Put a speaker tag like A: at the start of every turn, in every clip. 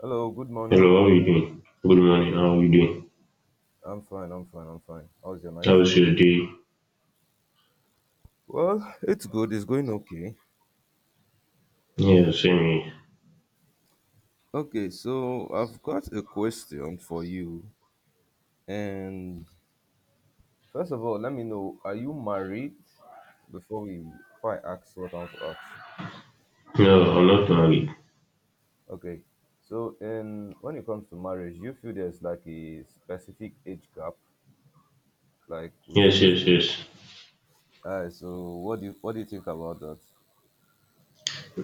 A: Hello, good morning.
B: Hello, how you doing? Good morning, how you doing?
A: I'm fine, I'm fine, I'm fine. How's your night?
B: How's your day?
A: Well, it's good, it's going okay.
B: Yeah, same here.
A: Okay, so I've got a question for you. And first of all, let me know, are you married? Before we Before I ask what I want to ask.
B: No, I'm not married.
A: Okay. So in when it comes to marriage, you feel there's like a specific age gap, like
B: Yes,
A: you
B: yes,
A: shouldn't.
B: yes.
A: Alright, so what do you think about that?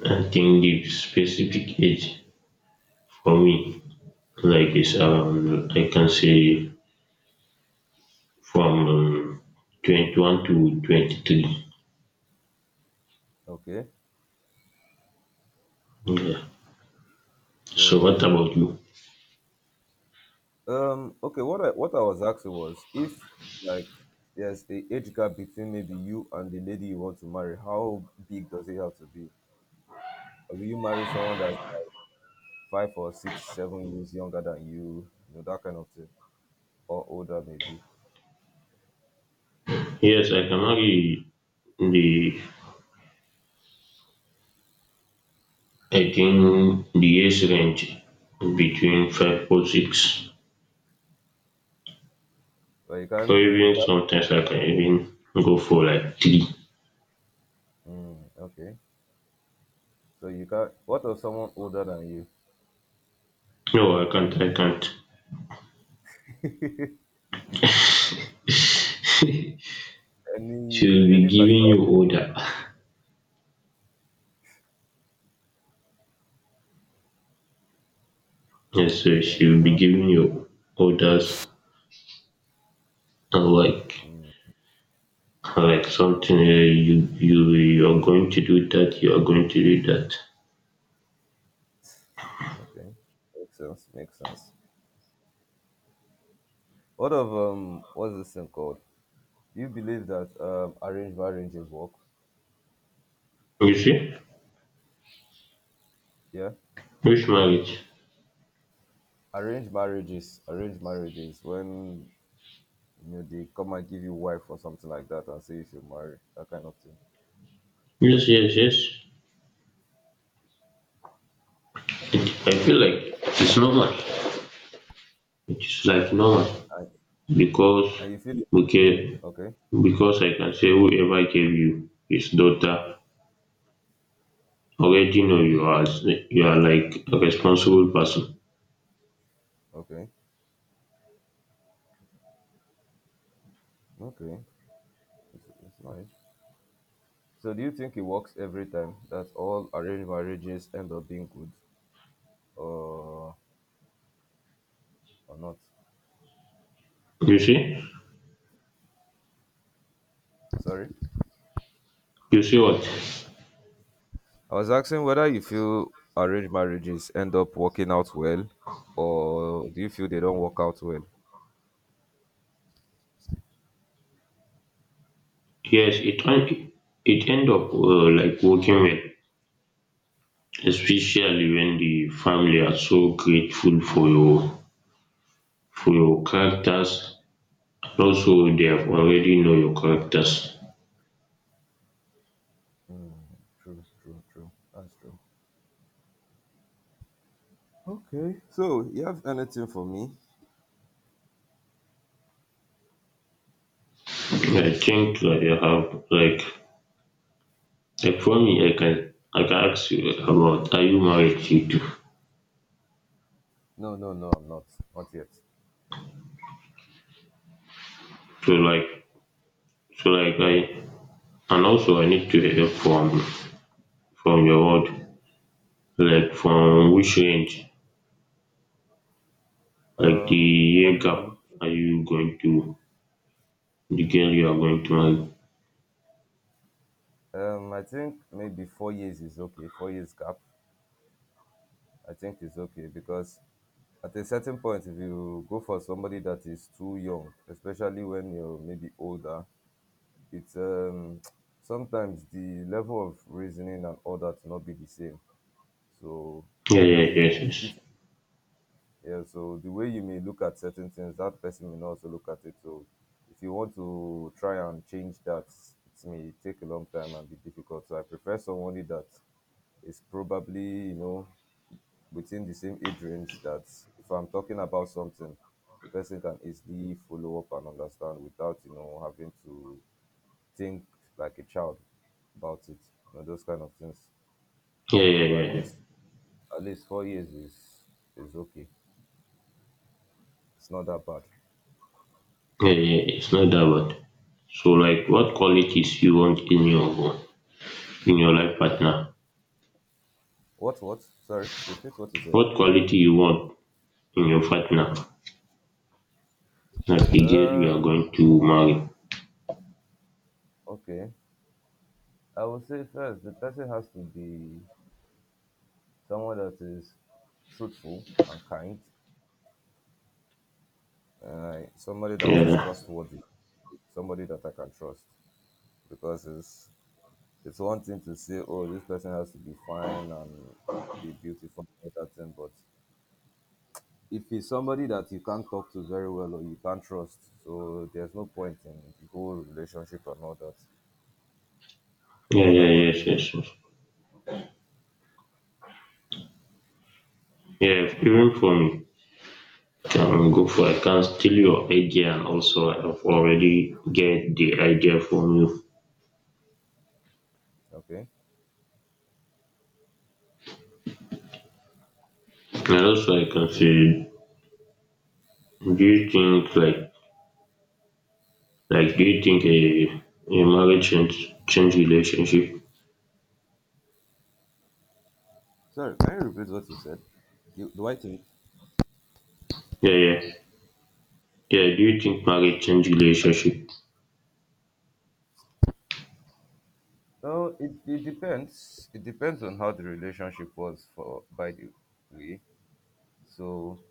B: I think the specific age for me, like is around, I can say from 21 to 23.
A: Okay.
B: Yeah. So what
A: So
B: about you?
A: Okay, what I was asking was if like there's a age gap between maybe you and the lady you want to marry, how big does it have to be? Like, will you marry someone that's like 5 or 6, 7 years younger than you, that kind of thing, or older maybe?
B: Yes, I can marry the, I think the age range between 5 or 6.
A: But you can't,
B: Or
A: you
B: even
A: can't.
B: sometimes I can even go for like 3.
A: Mm, okay, so you can't. What of someone older than you?
B: No, I can't. I can't.
A: any
B: She'll be
A: any
B: giving
A: particular?
B: you order. Yes, so
A: Okay,
B: she'll be
A: no.
B: giving you orders and like
A: Mm,
B: like something
A: okay,
B: you are going to do that. You are going to do that.
A: okay, makes sense. Makes sense. What of what's this thing called? Do you believe that arranged marriages work?
B: You see,
A: Yeah,
B: which marriage?
A: arranged marriages when you know they come and give you wife or something like that and say you should marry that kind of thing,
B: Yes, yes, yes. I feel like it's normal. It's like normal
A: and,
B: because,
A: and you feel
B: okay,
A: okay,
B: because I can say whoever gave you his daughter already know you are like a responsible person.
A: okay, okay, it's nice. So do you think it works every time that all arranged marriages end up being good or or not?
B: You see?
A: Sorry,
B: You see what?
A: I was asking whether you feel arranged marriages end up working out well, or do you feel they don't work out well?
B: Yes, it end up like working well, especially when the family are so grateful for your characters, and also they have already know your characters.
A: True, true, true. That's true. Okay. So you have anything for me?
B: I think I have like for me, I can ask you about, are you married you too?
A: No, no, no, I'm not. Not yet.
B: So like, so like I, and also I need to hear from your word, like from which range, like the
A: For
B: year gap,
A: me,
B: are you going to, the girl you are going to
A: okay.
B: marry?
A: I think maybe 4 years is okay. 4 years gap, I think is okay because at a certain point, if you go for somebody that is too young, especially when you're maybe older, it's, sometimes the level of reasoning and all that will not be the same. So
B: Yeah,
A: it
B: yeah,
A: may
B: yes,
A: be
B: yes.
A: difficult. Yeah, so the way you may look at certain things, that person may not also look at it. So if you want to try and change that, it may take a long time and be difficult. So I prefer somebody that is probably, within the same age range that if I'm talking about something, the person can easily follow up and understand without, having to think like a child about it. Those kind of things.
B: Yeah, yeah, yeah.
A: So at
B: Yeah, yeah.
A: least at least 4 years is okay. It's not that bad.
B: Yeah, yeah, it's not that bad. So like what qualities you want in your life partner?
A: What? What? Sorry, repeat what you said.
B: What quality you want in your partner? Like the girl you
A: Uh,
B: are going to marry.
A: okay. I would say first, the person has to be someone that is truthful and kind. Somebody that is
B: Yeah.
A: trustworthy, somebody that I can trust, because it's one thing to say, oh, this person has to be fine and be beautiful, and all that thing, but if he's somebody that you can't talk to very well or you can't trust, so there's no point in the whole relationship and all that. So
B: Yeah,
A: what
B: yeah,
A: about
B: yes,
A: you?
B: yes, yes. Yeah, even for me. Can go for I can steal your idea, and also I've already get the idea from you.
A: Okay.
B: And also I can
A: Okay.
B: say, do you think like do you think a marriage change relationship?
A: Sorry, can you repeat what you said? You, do I think?
B: Yeah, yeah, yeah. Do you think marriage change relationship?
A: Oh, it depends. It depends on how the relationship was for by the way. So,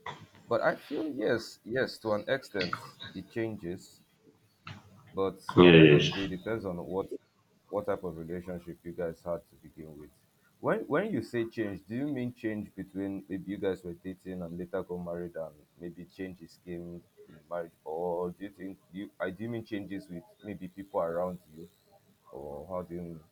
A: but I feel yes, yes, to an extent it changes. But at
B: Yeah,
A: the end of the
B: yes.
A: day, it depends on what type of relationship you guys had to begin with. When you say change, do you mean change between maybe you guys were dating and later got married and maybe changes came from the marriage, or do you think you I do you mean changes with maybe people around you, or how do you mean?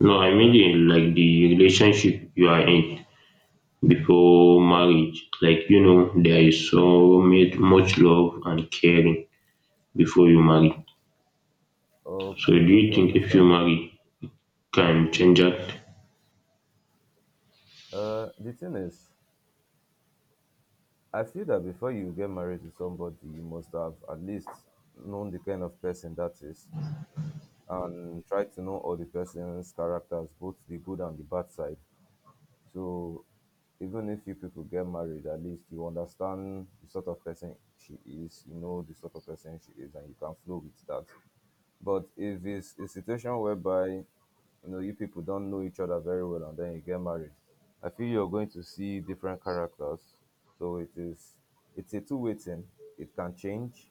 B: No, I mean
A: Huh?
B: in like the relationship you are in before
A: Okay,
B: marriage. Like you know, there is so much love and caring before you marry. So
A: okay,
B: do you
A: okay. I
B: think if you
A: understand now.
B: marry, can change that?
A: The thing is, I feel that before you get married to somebody, you must have at least known the kind of person that is and try to know all the person's characters, both the good and the bad side. So even if you people get married, at least you understand the sort of person she is, you know the sort of person she is, and you can flow with that. But if it's a situation whereby you know you people don't know each other very well and then you get married, I feel you're going to see different characters, so it's a two-way thing. It can change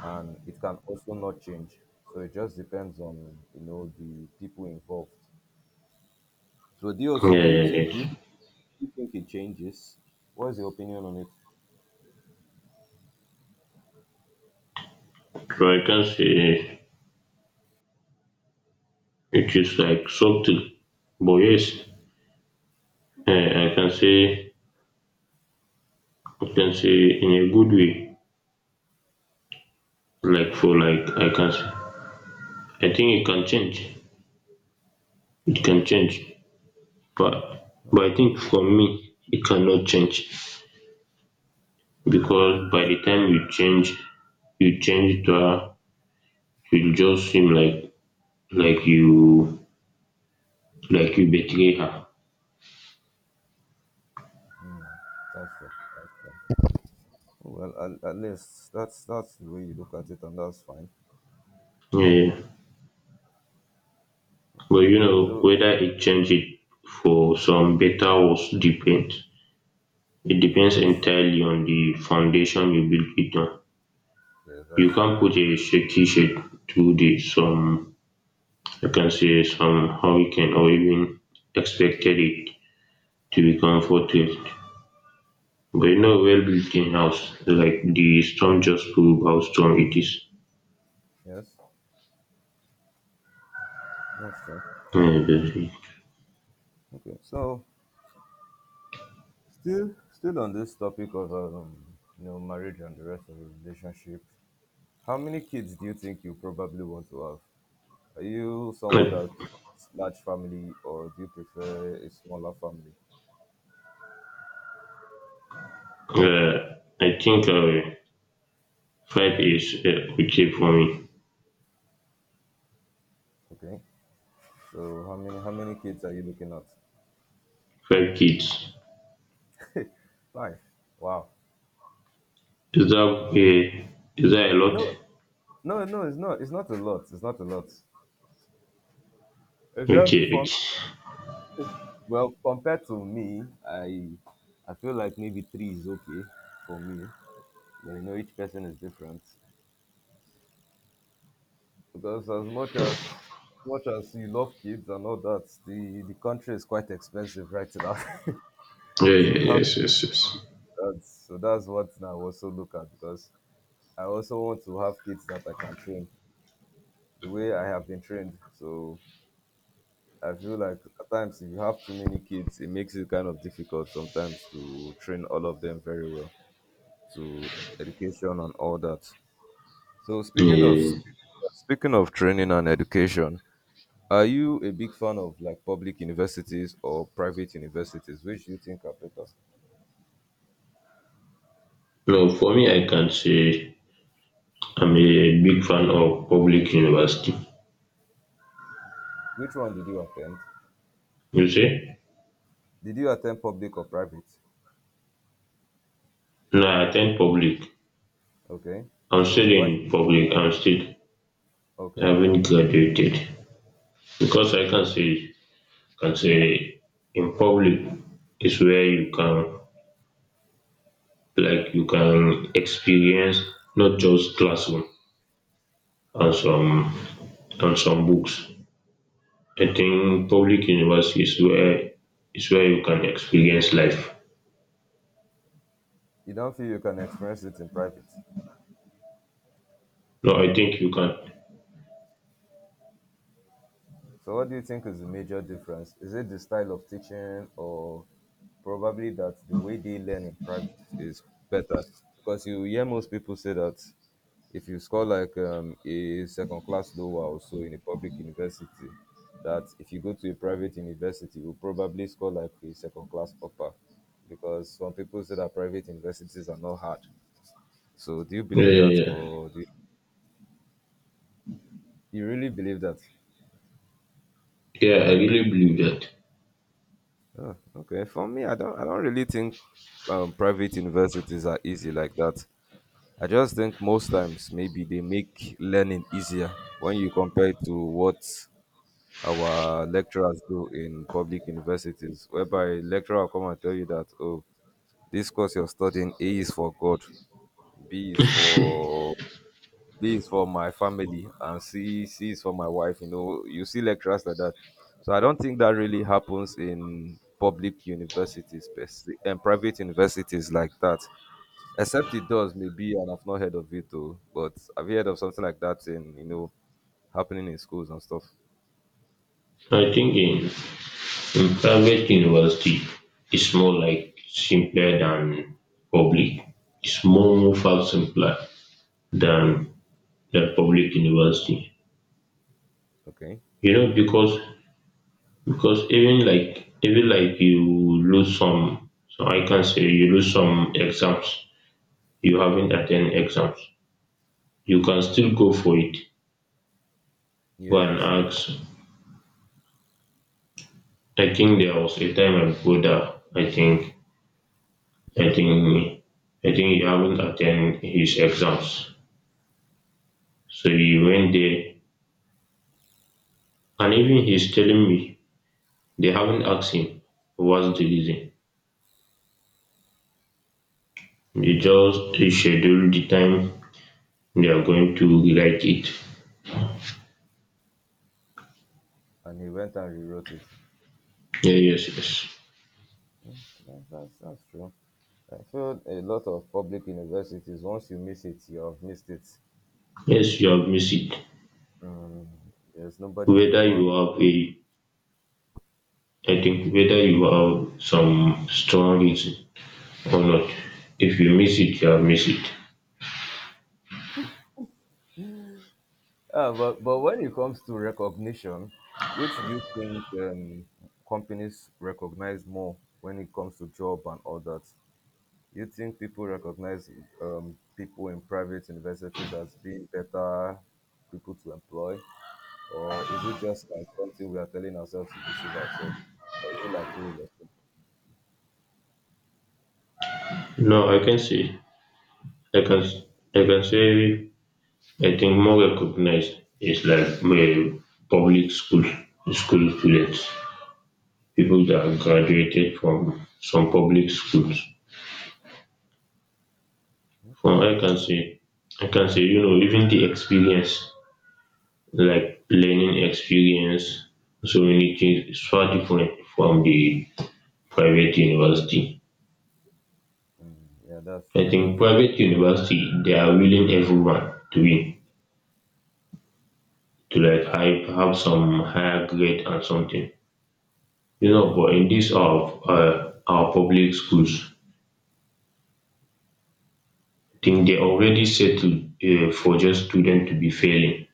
A: and it can also not change. So it just depends on the people involved. So do you
B: Yeah,
A: also
B: yeah,
A: do
B: yes.
A: you think it changes? What is your opinion on it?
B: So I can say it is like subtle, but yes, eh, I can say I can say in a good way, like
A: Okay,
B: for like I can say I think it can change. It can
A: okay,
B: change, but
A: oh,
B: I think for me it cannot change,
A: okay.
B: because by
A: Why?
B: the time you change to her, she'll just seem like you like you betray her.
A: That's fair. That's fair. Well, at least that's the way you look at it, and that's fine.
B: Yeah, yeah. But
A: Okay.
B: you know,
A: So
B: whether it change it for some better or worse depends. It depends
A: yes,
B: entirely on the foundation you build it on.
A: yes,
B: You
A: that's true.
B: can't put a shaky shade to the some. You can Reconciliation, hurricane, or even expected it to be comforted, but you know, well built in house, like the storm just prove how strong it is.
A: Yes, that's true.
B: Uh, the-
A: Okay. So still on this topic of marriage and the rest of the relationship. How many kids do you think you probably want to have? Are you someone that
B: uh,
A: prefers large family or do you prefer a smaller family?
B: I think five is okay for me.
A: Okay. So how many kids are you looking at?
B: Five kids.
A: Five. Wow.
B: Is that uh, is that a lot?
A: No, no, no, it's not a lot. It's not a lot. It's
B: Okay,
A: just
B: okay.
A: for, well, compared to me, I feel like maybe three is okay for me. But you know, each person is different. Because as much as you love kids and all that, the country is quite expensive right now
B: Yeah,
A: to
B: yeah,
A: have
B: yes, yes, yes.
A: that. So that's what I also look at because I also want to have kids that I can train the way I have been trained. So I feel like at times if you have too many kids, it makes it kind of difficult sometimes to train all of them very well to education and all that. So speaking of
B: Uh,
A: speaking of training and education, are you a big fan of like public universities or private universities? Which do you think are better?
B: no, for me, I can say I'm a big fan of public university.
A: Which one did you attend?
B: You see?
A: Did you attend public or private?
B: No, I attend public.
A: Okay.
B: I'm
A: So
B: still
A: why?
B: in public. I
A: Okay.
B: haven't
A: Okay.
B: graduated, because I can say in public is where you can, you can experience not just classroom and some books. I think public university is where you can experience life.
A: You don't feel you can experience it in private?
B: No, I think you can.
A: So what do you think is the major difference? Is it the style of teaching or probably that the way they learn in private is better? Because you hear most people say that if you score like a second class lower or so in a public university, that if you go to a private university, you'll probably score like a second class upper. Because some people say that private universities are not hard. So do you
B: Yeah,
A: believe
B: yeah,
A: that
B: yeah.
A: or you really believe that?
B: Yeah, I really believe that.
A: Oh, okay. For me, I don't really think private universities are easy like that. I just think most times maybe they make learning easier when you compare it to what our lecturers do in public universities, whereby lecturer will come and tell you that, oh, this course you're studying, A is for God, B is for B is for my family, and C is for my wife. You see lecturers like that. So I don't think that really happens in public universities per se, and private universities like that. Except it does, maybe, and I've not heard of it though. But I've heard of something like that in, happening in schools and stuff.
B: I think In private university, it's more like simpler than public. It's more far simpler than the public university.
A: Okay.
B: You know, because even like you lose some, so I can say you lose some exams. You haven't attend exams. You can still go for it. Go and
A: Yes. Yes.
B: ask. I think there was a time I go, I think I think I think he haven't attend his exams, so he went there, and even he's telling me they haven't asked him what's the reason. They
A: Okay.
B: just reschedule the time they are going to rewrite it.
A: And he went and rewrote it.
B: Yeah, yes, yes.
A: Yeah, that's true. I feel a lot of public universities. Once you miss it, you have missed it.
B: Yes, you have missed it.
A: Mm, there's nobody you
B: Whether
A: go and.
B: you have a I think whether you have some strong reason or not. If you miss it, you have missed it.
A: But when it comes to recognition, which do you think companies recognize more when it comes to job and all that? You think people recognize people in private universities as being better people to employ? Or is it just like something we are telling ourselves to deceive ourselves? Or is it like real estate?
B: No, I can I can say I think more recognized is like my public school school students, people that have graduated from some public schools.
A: Okay.
B: From I can say, you know, even the experience, like learning experience, so many things, is far different from the private university.
A: Mm, yeah, that's
B: I
A: true.
B: think
A: That's true.
B: private university, they are willing everyone to be to like have some higher grade and something. You know,
A: Okay.
B: but in this of our public schools, I think they
A: Mm.
B: already settled for just student to be failing.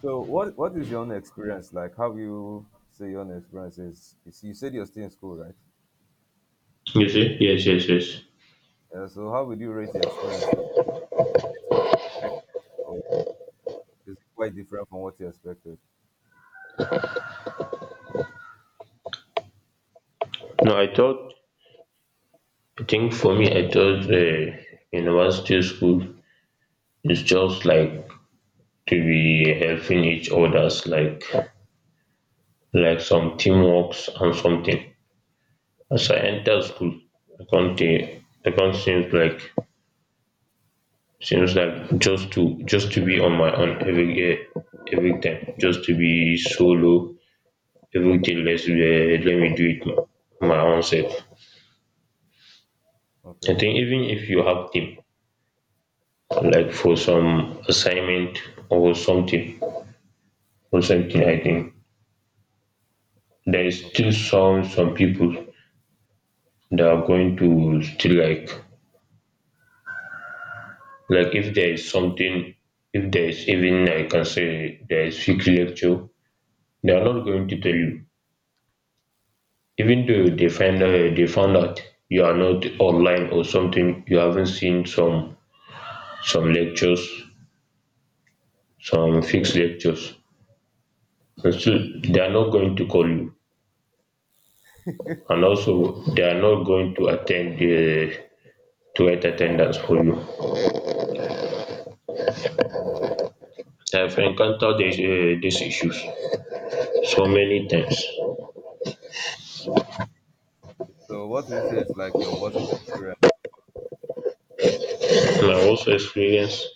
A: So what is your own experience like? How you say your own experience is? You said you're still in school, right?
B: You see? Yes, yes, yes.
A: So how would you rate your experience? So is it what you expected, or is it quite different from what you expected?
B: No, I think for me, I thought university school is just like to be helping each others, like some teamworks and something. As I enter school, I can't uh, I can't seems like just to be on my own every day, every time, just to be solo. Everything, let me do it my own self. I
A: Okay,
B: think even if you have team, like for some assignment or something or something I think. There is
A: okay,
B: still some people that are going to still like if there is
A: yeah,
B: something, if there is, even I can say there is fake lecture, they are not going to tell you. Even though
A: yeah.
B: they found out you are not online or something, you haven't seen some lectures, some fixed lectures. And
A: Yeah.
B: still, they are not going to call you, and also they are not going to attend the to get attendance for you.
A: Hmm,
B: I've encountered
A: uh,
B: these issues so many times.
A: so what do you say is like your worst experience?
B: My worst experience,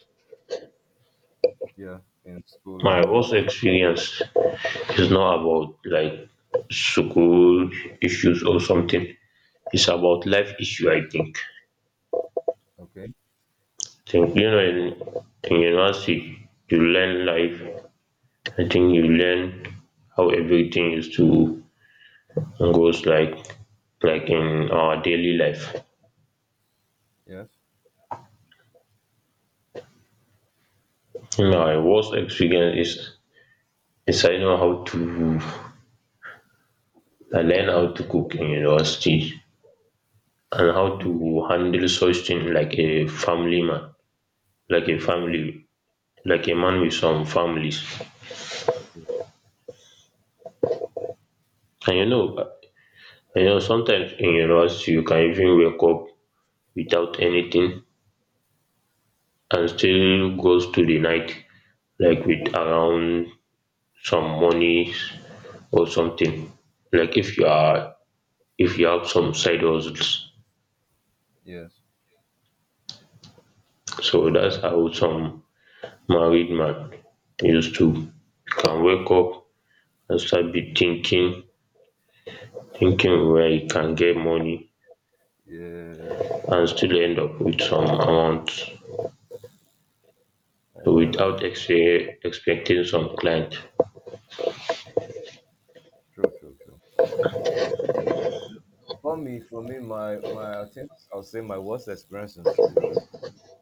A: Yeah, in school
B: my
A: and all that.
B: worst experience is not about like school issues or something. It's about life issue, I think.
A: Okay.
B: think You know, in, university, you learn life. I think you learn how everything is to goes like in our daily life.
A: Yes.
B: My worst experience is I learn how to cook in university, and how to handle such thing like a family man, like a
A: Uh,
B: family, like a
A: yes.
B: man with some families.
A: Yeah.
B: And you know, sometimes in university you can even wake up without anything and
A: True.
B: still goes to the night, like with around some money or something. Like if you have some side hustles.
A: Yes.
B: So
A: Mm,
B: that's
A: that.
B: how some married man used to. You can wake up and start be thinking where you can get money
A: Yes.
B: and still end up with some amount
A: I feel like
B: without expecting some client.
A: true, true, true. For me, my my I think I'll say my worst experience in school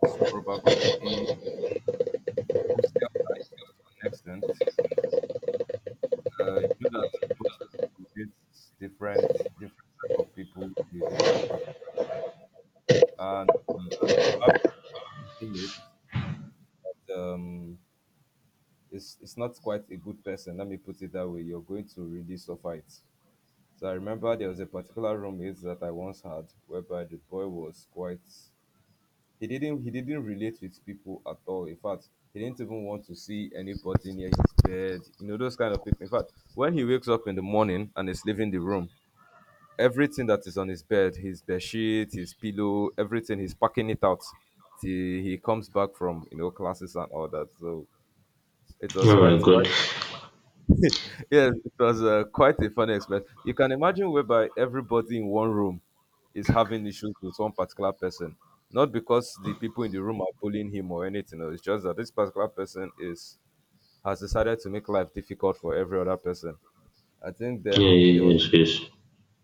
A: is probably hostel life to an extent. You know that in hostels you meet different different type of people with different backgrounds, and mm, you have teammates. Um, it's not quite a good person. Let me put it that way. You're going to really suffer it. So I remember there was a particular roommate that I once had, whereby the boy was quite he didn't relate with people at all. In fact, he didn't even want to see anybody near his bed. You know those kind of people. In fact, when he wakes up in the morning and is leaving the room, everything that is on his bed sheet, his pillow, everything, he's packing it out till he comes back from classes and all that. So it was quite
B: Oh my
A: quite
B: god.
A: yes, it was quite a funny experience. You can imagine whereby everybody in one room is having issues with one particular person. Not because the people in the room are bullying him or anything. No, it's just that this particular person is has decided to make life difficult for every other person. I think
B: Yeah,
A: then there
B: yeah,
A: was
B: yes, yes.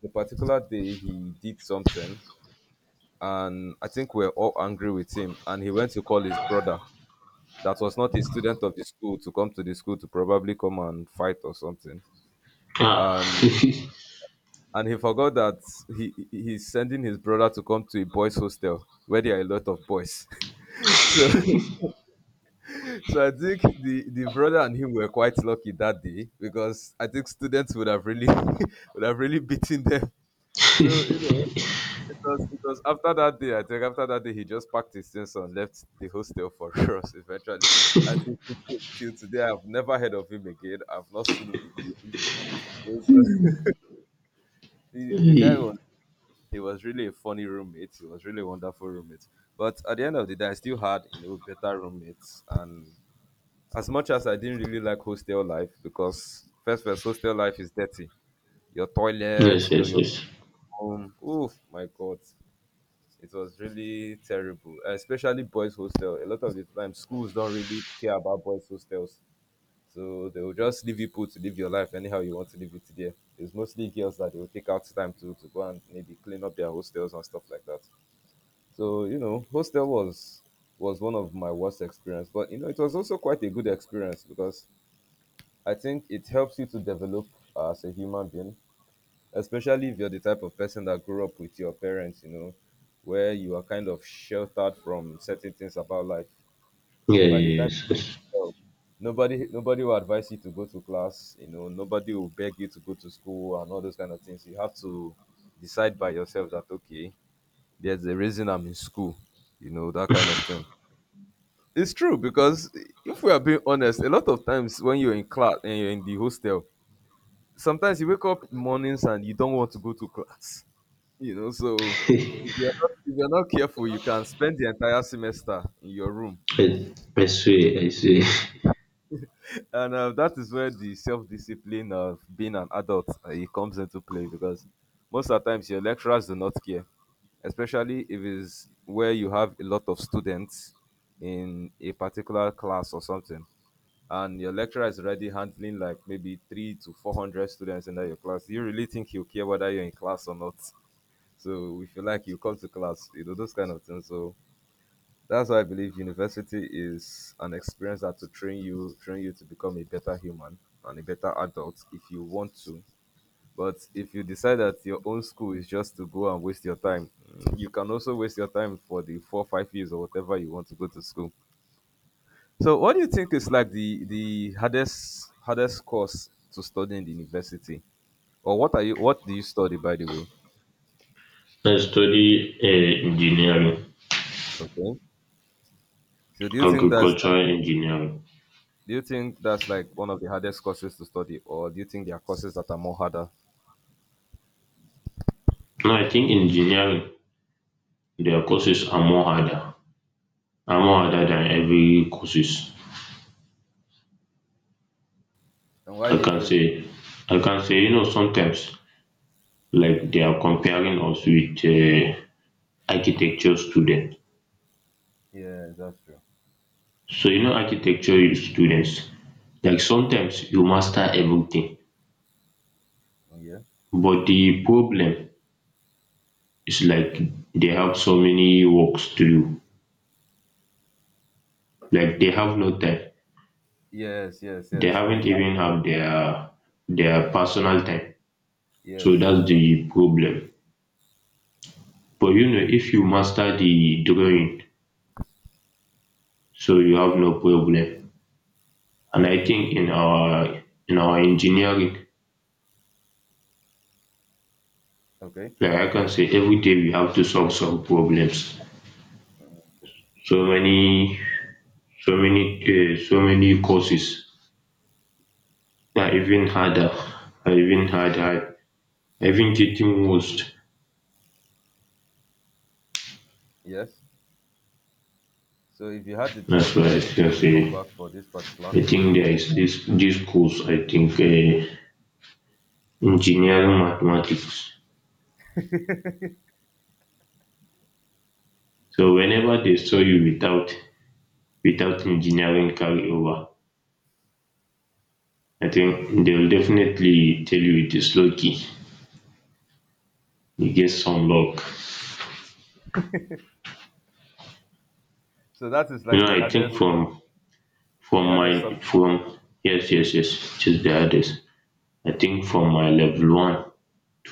A: a particular day he did something, and I think we're all angry with him. And he went to call his brother, that was not a student of the school, to come to the school to probably come and fight or something.
B: Ah.
A: And And he forgot that he he's sending his brother to come to a boys' hostel where there are a lot of boys. so so I think the brother and him were quite lucky that day because I think students would have really would have really beaten them. So it was after that day, I think after that day he just packed his things and left the hostel for us eventually. And till today I've never heard of him again. I've not seen him again. So, the guy
B: Yes,
A: was he was really a funny roommate. He was really a wonderful roommate. But at the end of the day, I still had better roommates. And as much as I didn't really like hostel life, because first hostel life is dirty. Your toilet,
B: yes,
A: you know, your
B: yes.
A: room. Oof, my god. It was really terrible, especially boys' hostel. A lot of the time, schools don't really care about boys' hostels, so they will just leave you put to live your life anyhow you want to live it there. It's mostly girls that they will take out time to go and maybe clean up their hostels and stuff like that. So hostel was one of my worst experience, but you know, it was also quite a good experience because I think it helps you to develop as a human being, especially if you're the type of person that grew up with your parents, you know, where you are kind of sheltered from certain things about life.
B: Yeah,
A: So by the
B: yeah,
A: time
B: yes, yes.
A: you grow up, nobody will advise you to go to class, you know, nobody will beg you to go to school and all those kind of things. You have to decide by yourself that okay, there's a reason I'm in school, you know, that kind of thing. It's true because if we are being honest, a lot of times when you're in class and you're in the hostel, sometimes you wake up mornings and you don't want to go to class. You know, so if you're not careful, you can spend the entire semester in your room,
B: I, I swear, I swear.
A: and that is where the self-discipline of being an adult it comes into play because most of the times your lecturers do not care, especially if it's where you have a lot of students in a particular class or something and your lecturer is already handling like maybe three to four hundred students in your class, do you really think he'll care whether you're in class or not? So if you like, you come to class, you know those kind of things. So that's why I believe university is an experience that to train you to become a better human and a better adult if you want to. But if you decide that your own school is just to go and waste your time, mm, you can also waste your time for the four, 5 years or whatever you want to go to school. So, what do you think is like the hardest course to study in the university, or what do you study by the way?
B: I study engineering,
A: Okay. So, do you think that's like,
B: agricultural engineering.
A: do you think that's like one of the hardest courses to study, or do you think there are courses that are more harder?
B: Now I think engineering, their courses are more harder than every courses.
A: And why
B: I
A: do you
B: can
A: feel?
B: say, I can say, you know, sometimes like they are comparing us with architecture students.
A: Yeah, that's true.
B: So, you know, architecture students, like sometimes you master everything,
A: Oh, yeah.
B: but the problem is like they have so many works to do. Like they
A: Okay.
B: have no time.
A: Yes, yes,
B: They
A: yes. I
B: haven't
A: had
B: even have their personal time. So
A: yes,
B: that's
A: yes. O-
B: the problem. But you know, if you master the drawing, so you have no problem. And I think in our engineering,
A: okay.
B: like I can say every day we have to solve some problems. So many, so many courses that are even harder, even getting worse.
A: Yes. So, if you had the
B: That's
A: chance, do
B: why
A: you
B: I
A: think you
B: can
A: still come
B: say,
A: back for this particular
B: I think
A: course?
B: there
A: Or
B: is this course. I think engineering mathematics. So whenever they saw you without engineering carryover, I think they will definitely tell you it is lucky, you get some luck.
A: so that is
B: You
A: like
B: know, I think
A: the
B: from
A: hardest
B: my
A: sub.
B: from, yes, yes, yes, just the hardest. I think from my level one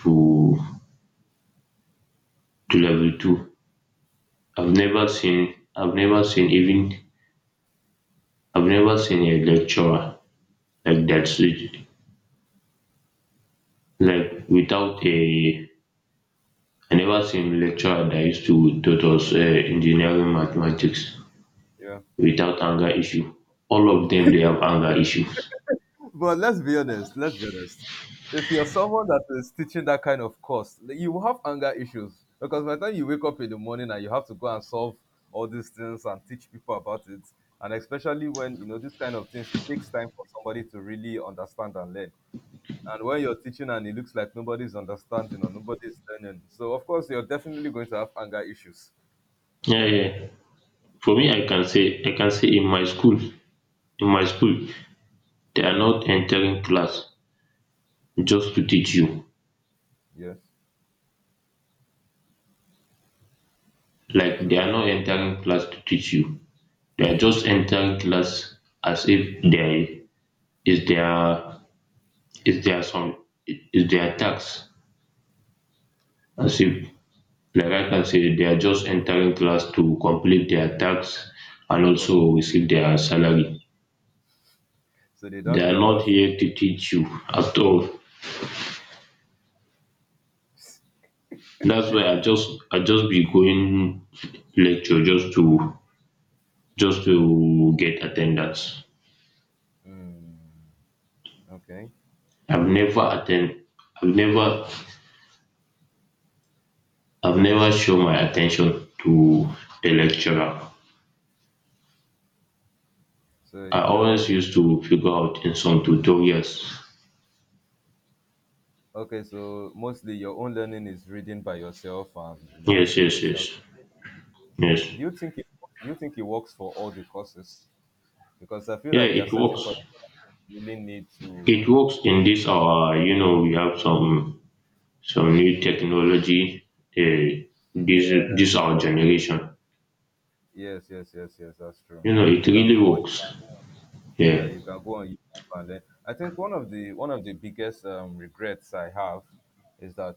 B: to to level two, I've never seen I've never seen even I've never seen a lecturer like that. So, Like without a I never seen a lecturer that used to taught us engineering mathematics
A: Yeah.
B: without anger issue. All of them they have anger issues.
A: But let's be honest. Let's be honest. If you're someone that is teaching that kind of course, like, you will have anger issues because by the time you wake up in the morning and you have to go and solve all these things and teach people about it, and especially when you know these kind of things, it takes time for somebody to really understand and learn. And when you're teaching and it looks like nobody's understanding or nobody's learning, so of course you're definitely going to have anger issues.
B: Yeah, yeah. For me, I can say in my school, they are not entering class just to teach you.
A: Yeah.
B: Like they
A: So,
B: are not entering class to teach you. They are just entering class as if there is their is their tax. As
A: hmm,
B: if, like I can say, they are just entering class to complete their tax and
A: for the-
B: also receive their salary.
A: so they
B: They
A: don't
B: are
A: care
B: not
A: about.
B: here to teach you at all. That's why I just be going lecture just to get attendance.
A: Hmm, okay.
B: I've
A: Okay.
B: never attend I've never I've never shown my attention to the lecturer.
A: So
B: I
A: you're
B: always
A: the
B: used to figure out in some tutorials.
A: okay, so mostly your own learning is reading by yourself and you know
B: Yes,
A: answering
B: yes,
A: questions.
B: yes. Yes.
A: Do you think it do you think it works for all the courses? Because I feel
B: Yeah,
A: like there are
B: it
A: certain
B: works.
A: courses you really need
B: It
A: to
B: works in this our, you know, we have some new technology, uh, this this
A: yes
B: our
A: that-
B: generation.
A: yes, yes, yes, yes, that's true.
B: You know it
A: You can
B: really
A: go on
B: works.
A: Yeah,
B: Yeah.
A: you can go on YouTube, and then I think one of the biggest regrets I have is that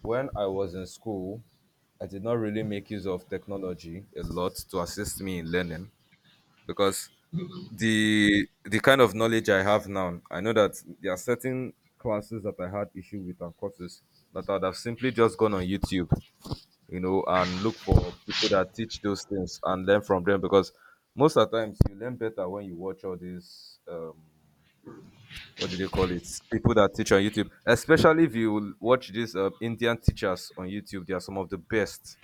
A: when I was in school I did not really make use of technology a lot to assist me in learning because the kind of knowledge I have now, I know that there are certain classes that I had issue with and courses that I'd have simply just gone on YouTube, and look for people that teach those things and learn from them, because most of the times you learn better when you watch all these what do they call it? People that teach on YouTube, especially if you watch these Indian teachers on YouTube, they are some of the best.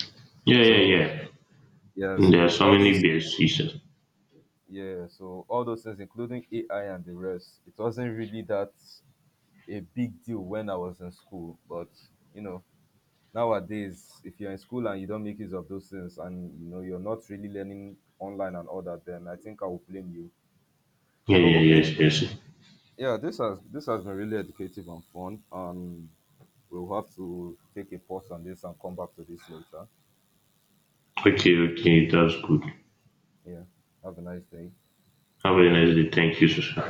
B: Yeah, yeah,
A: So
B: yeah.
A: yeah, so
B: There are so
A: all
B: many
A: those
B: best seasons.
A: Yeah, so all those things, including AI and the rest, it wasn't really that a big deal when I was in school. But you know, nowadays, if you're in school and you don't make use of those things, and you know you're not really learning online and all that, then I think I will blame you.
B: Yeah,
A: So
B: yeah,
A: okay,
B: yes, yes.
A: yeah, this has been really educative and fun. We'll have to take a pause on this and come back to this later.
B: Okay, okay, that's good.
A: Yeah, have a nice day.
B: Have a nice day. Thank you, Susan.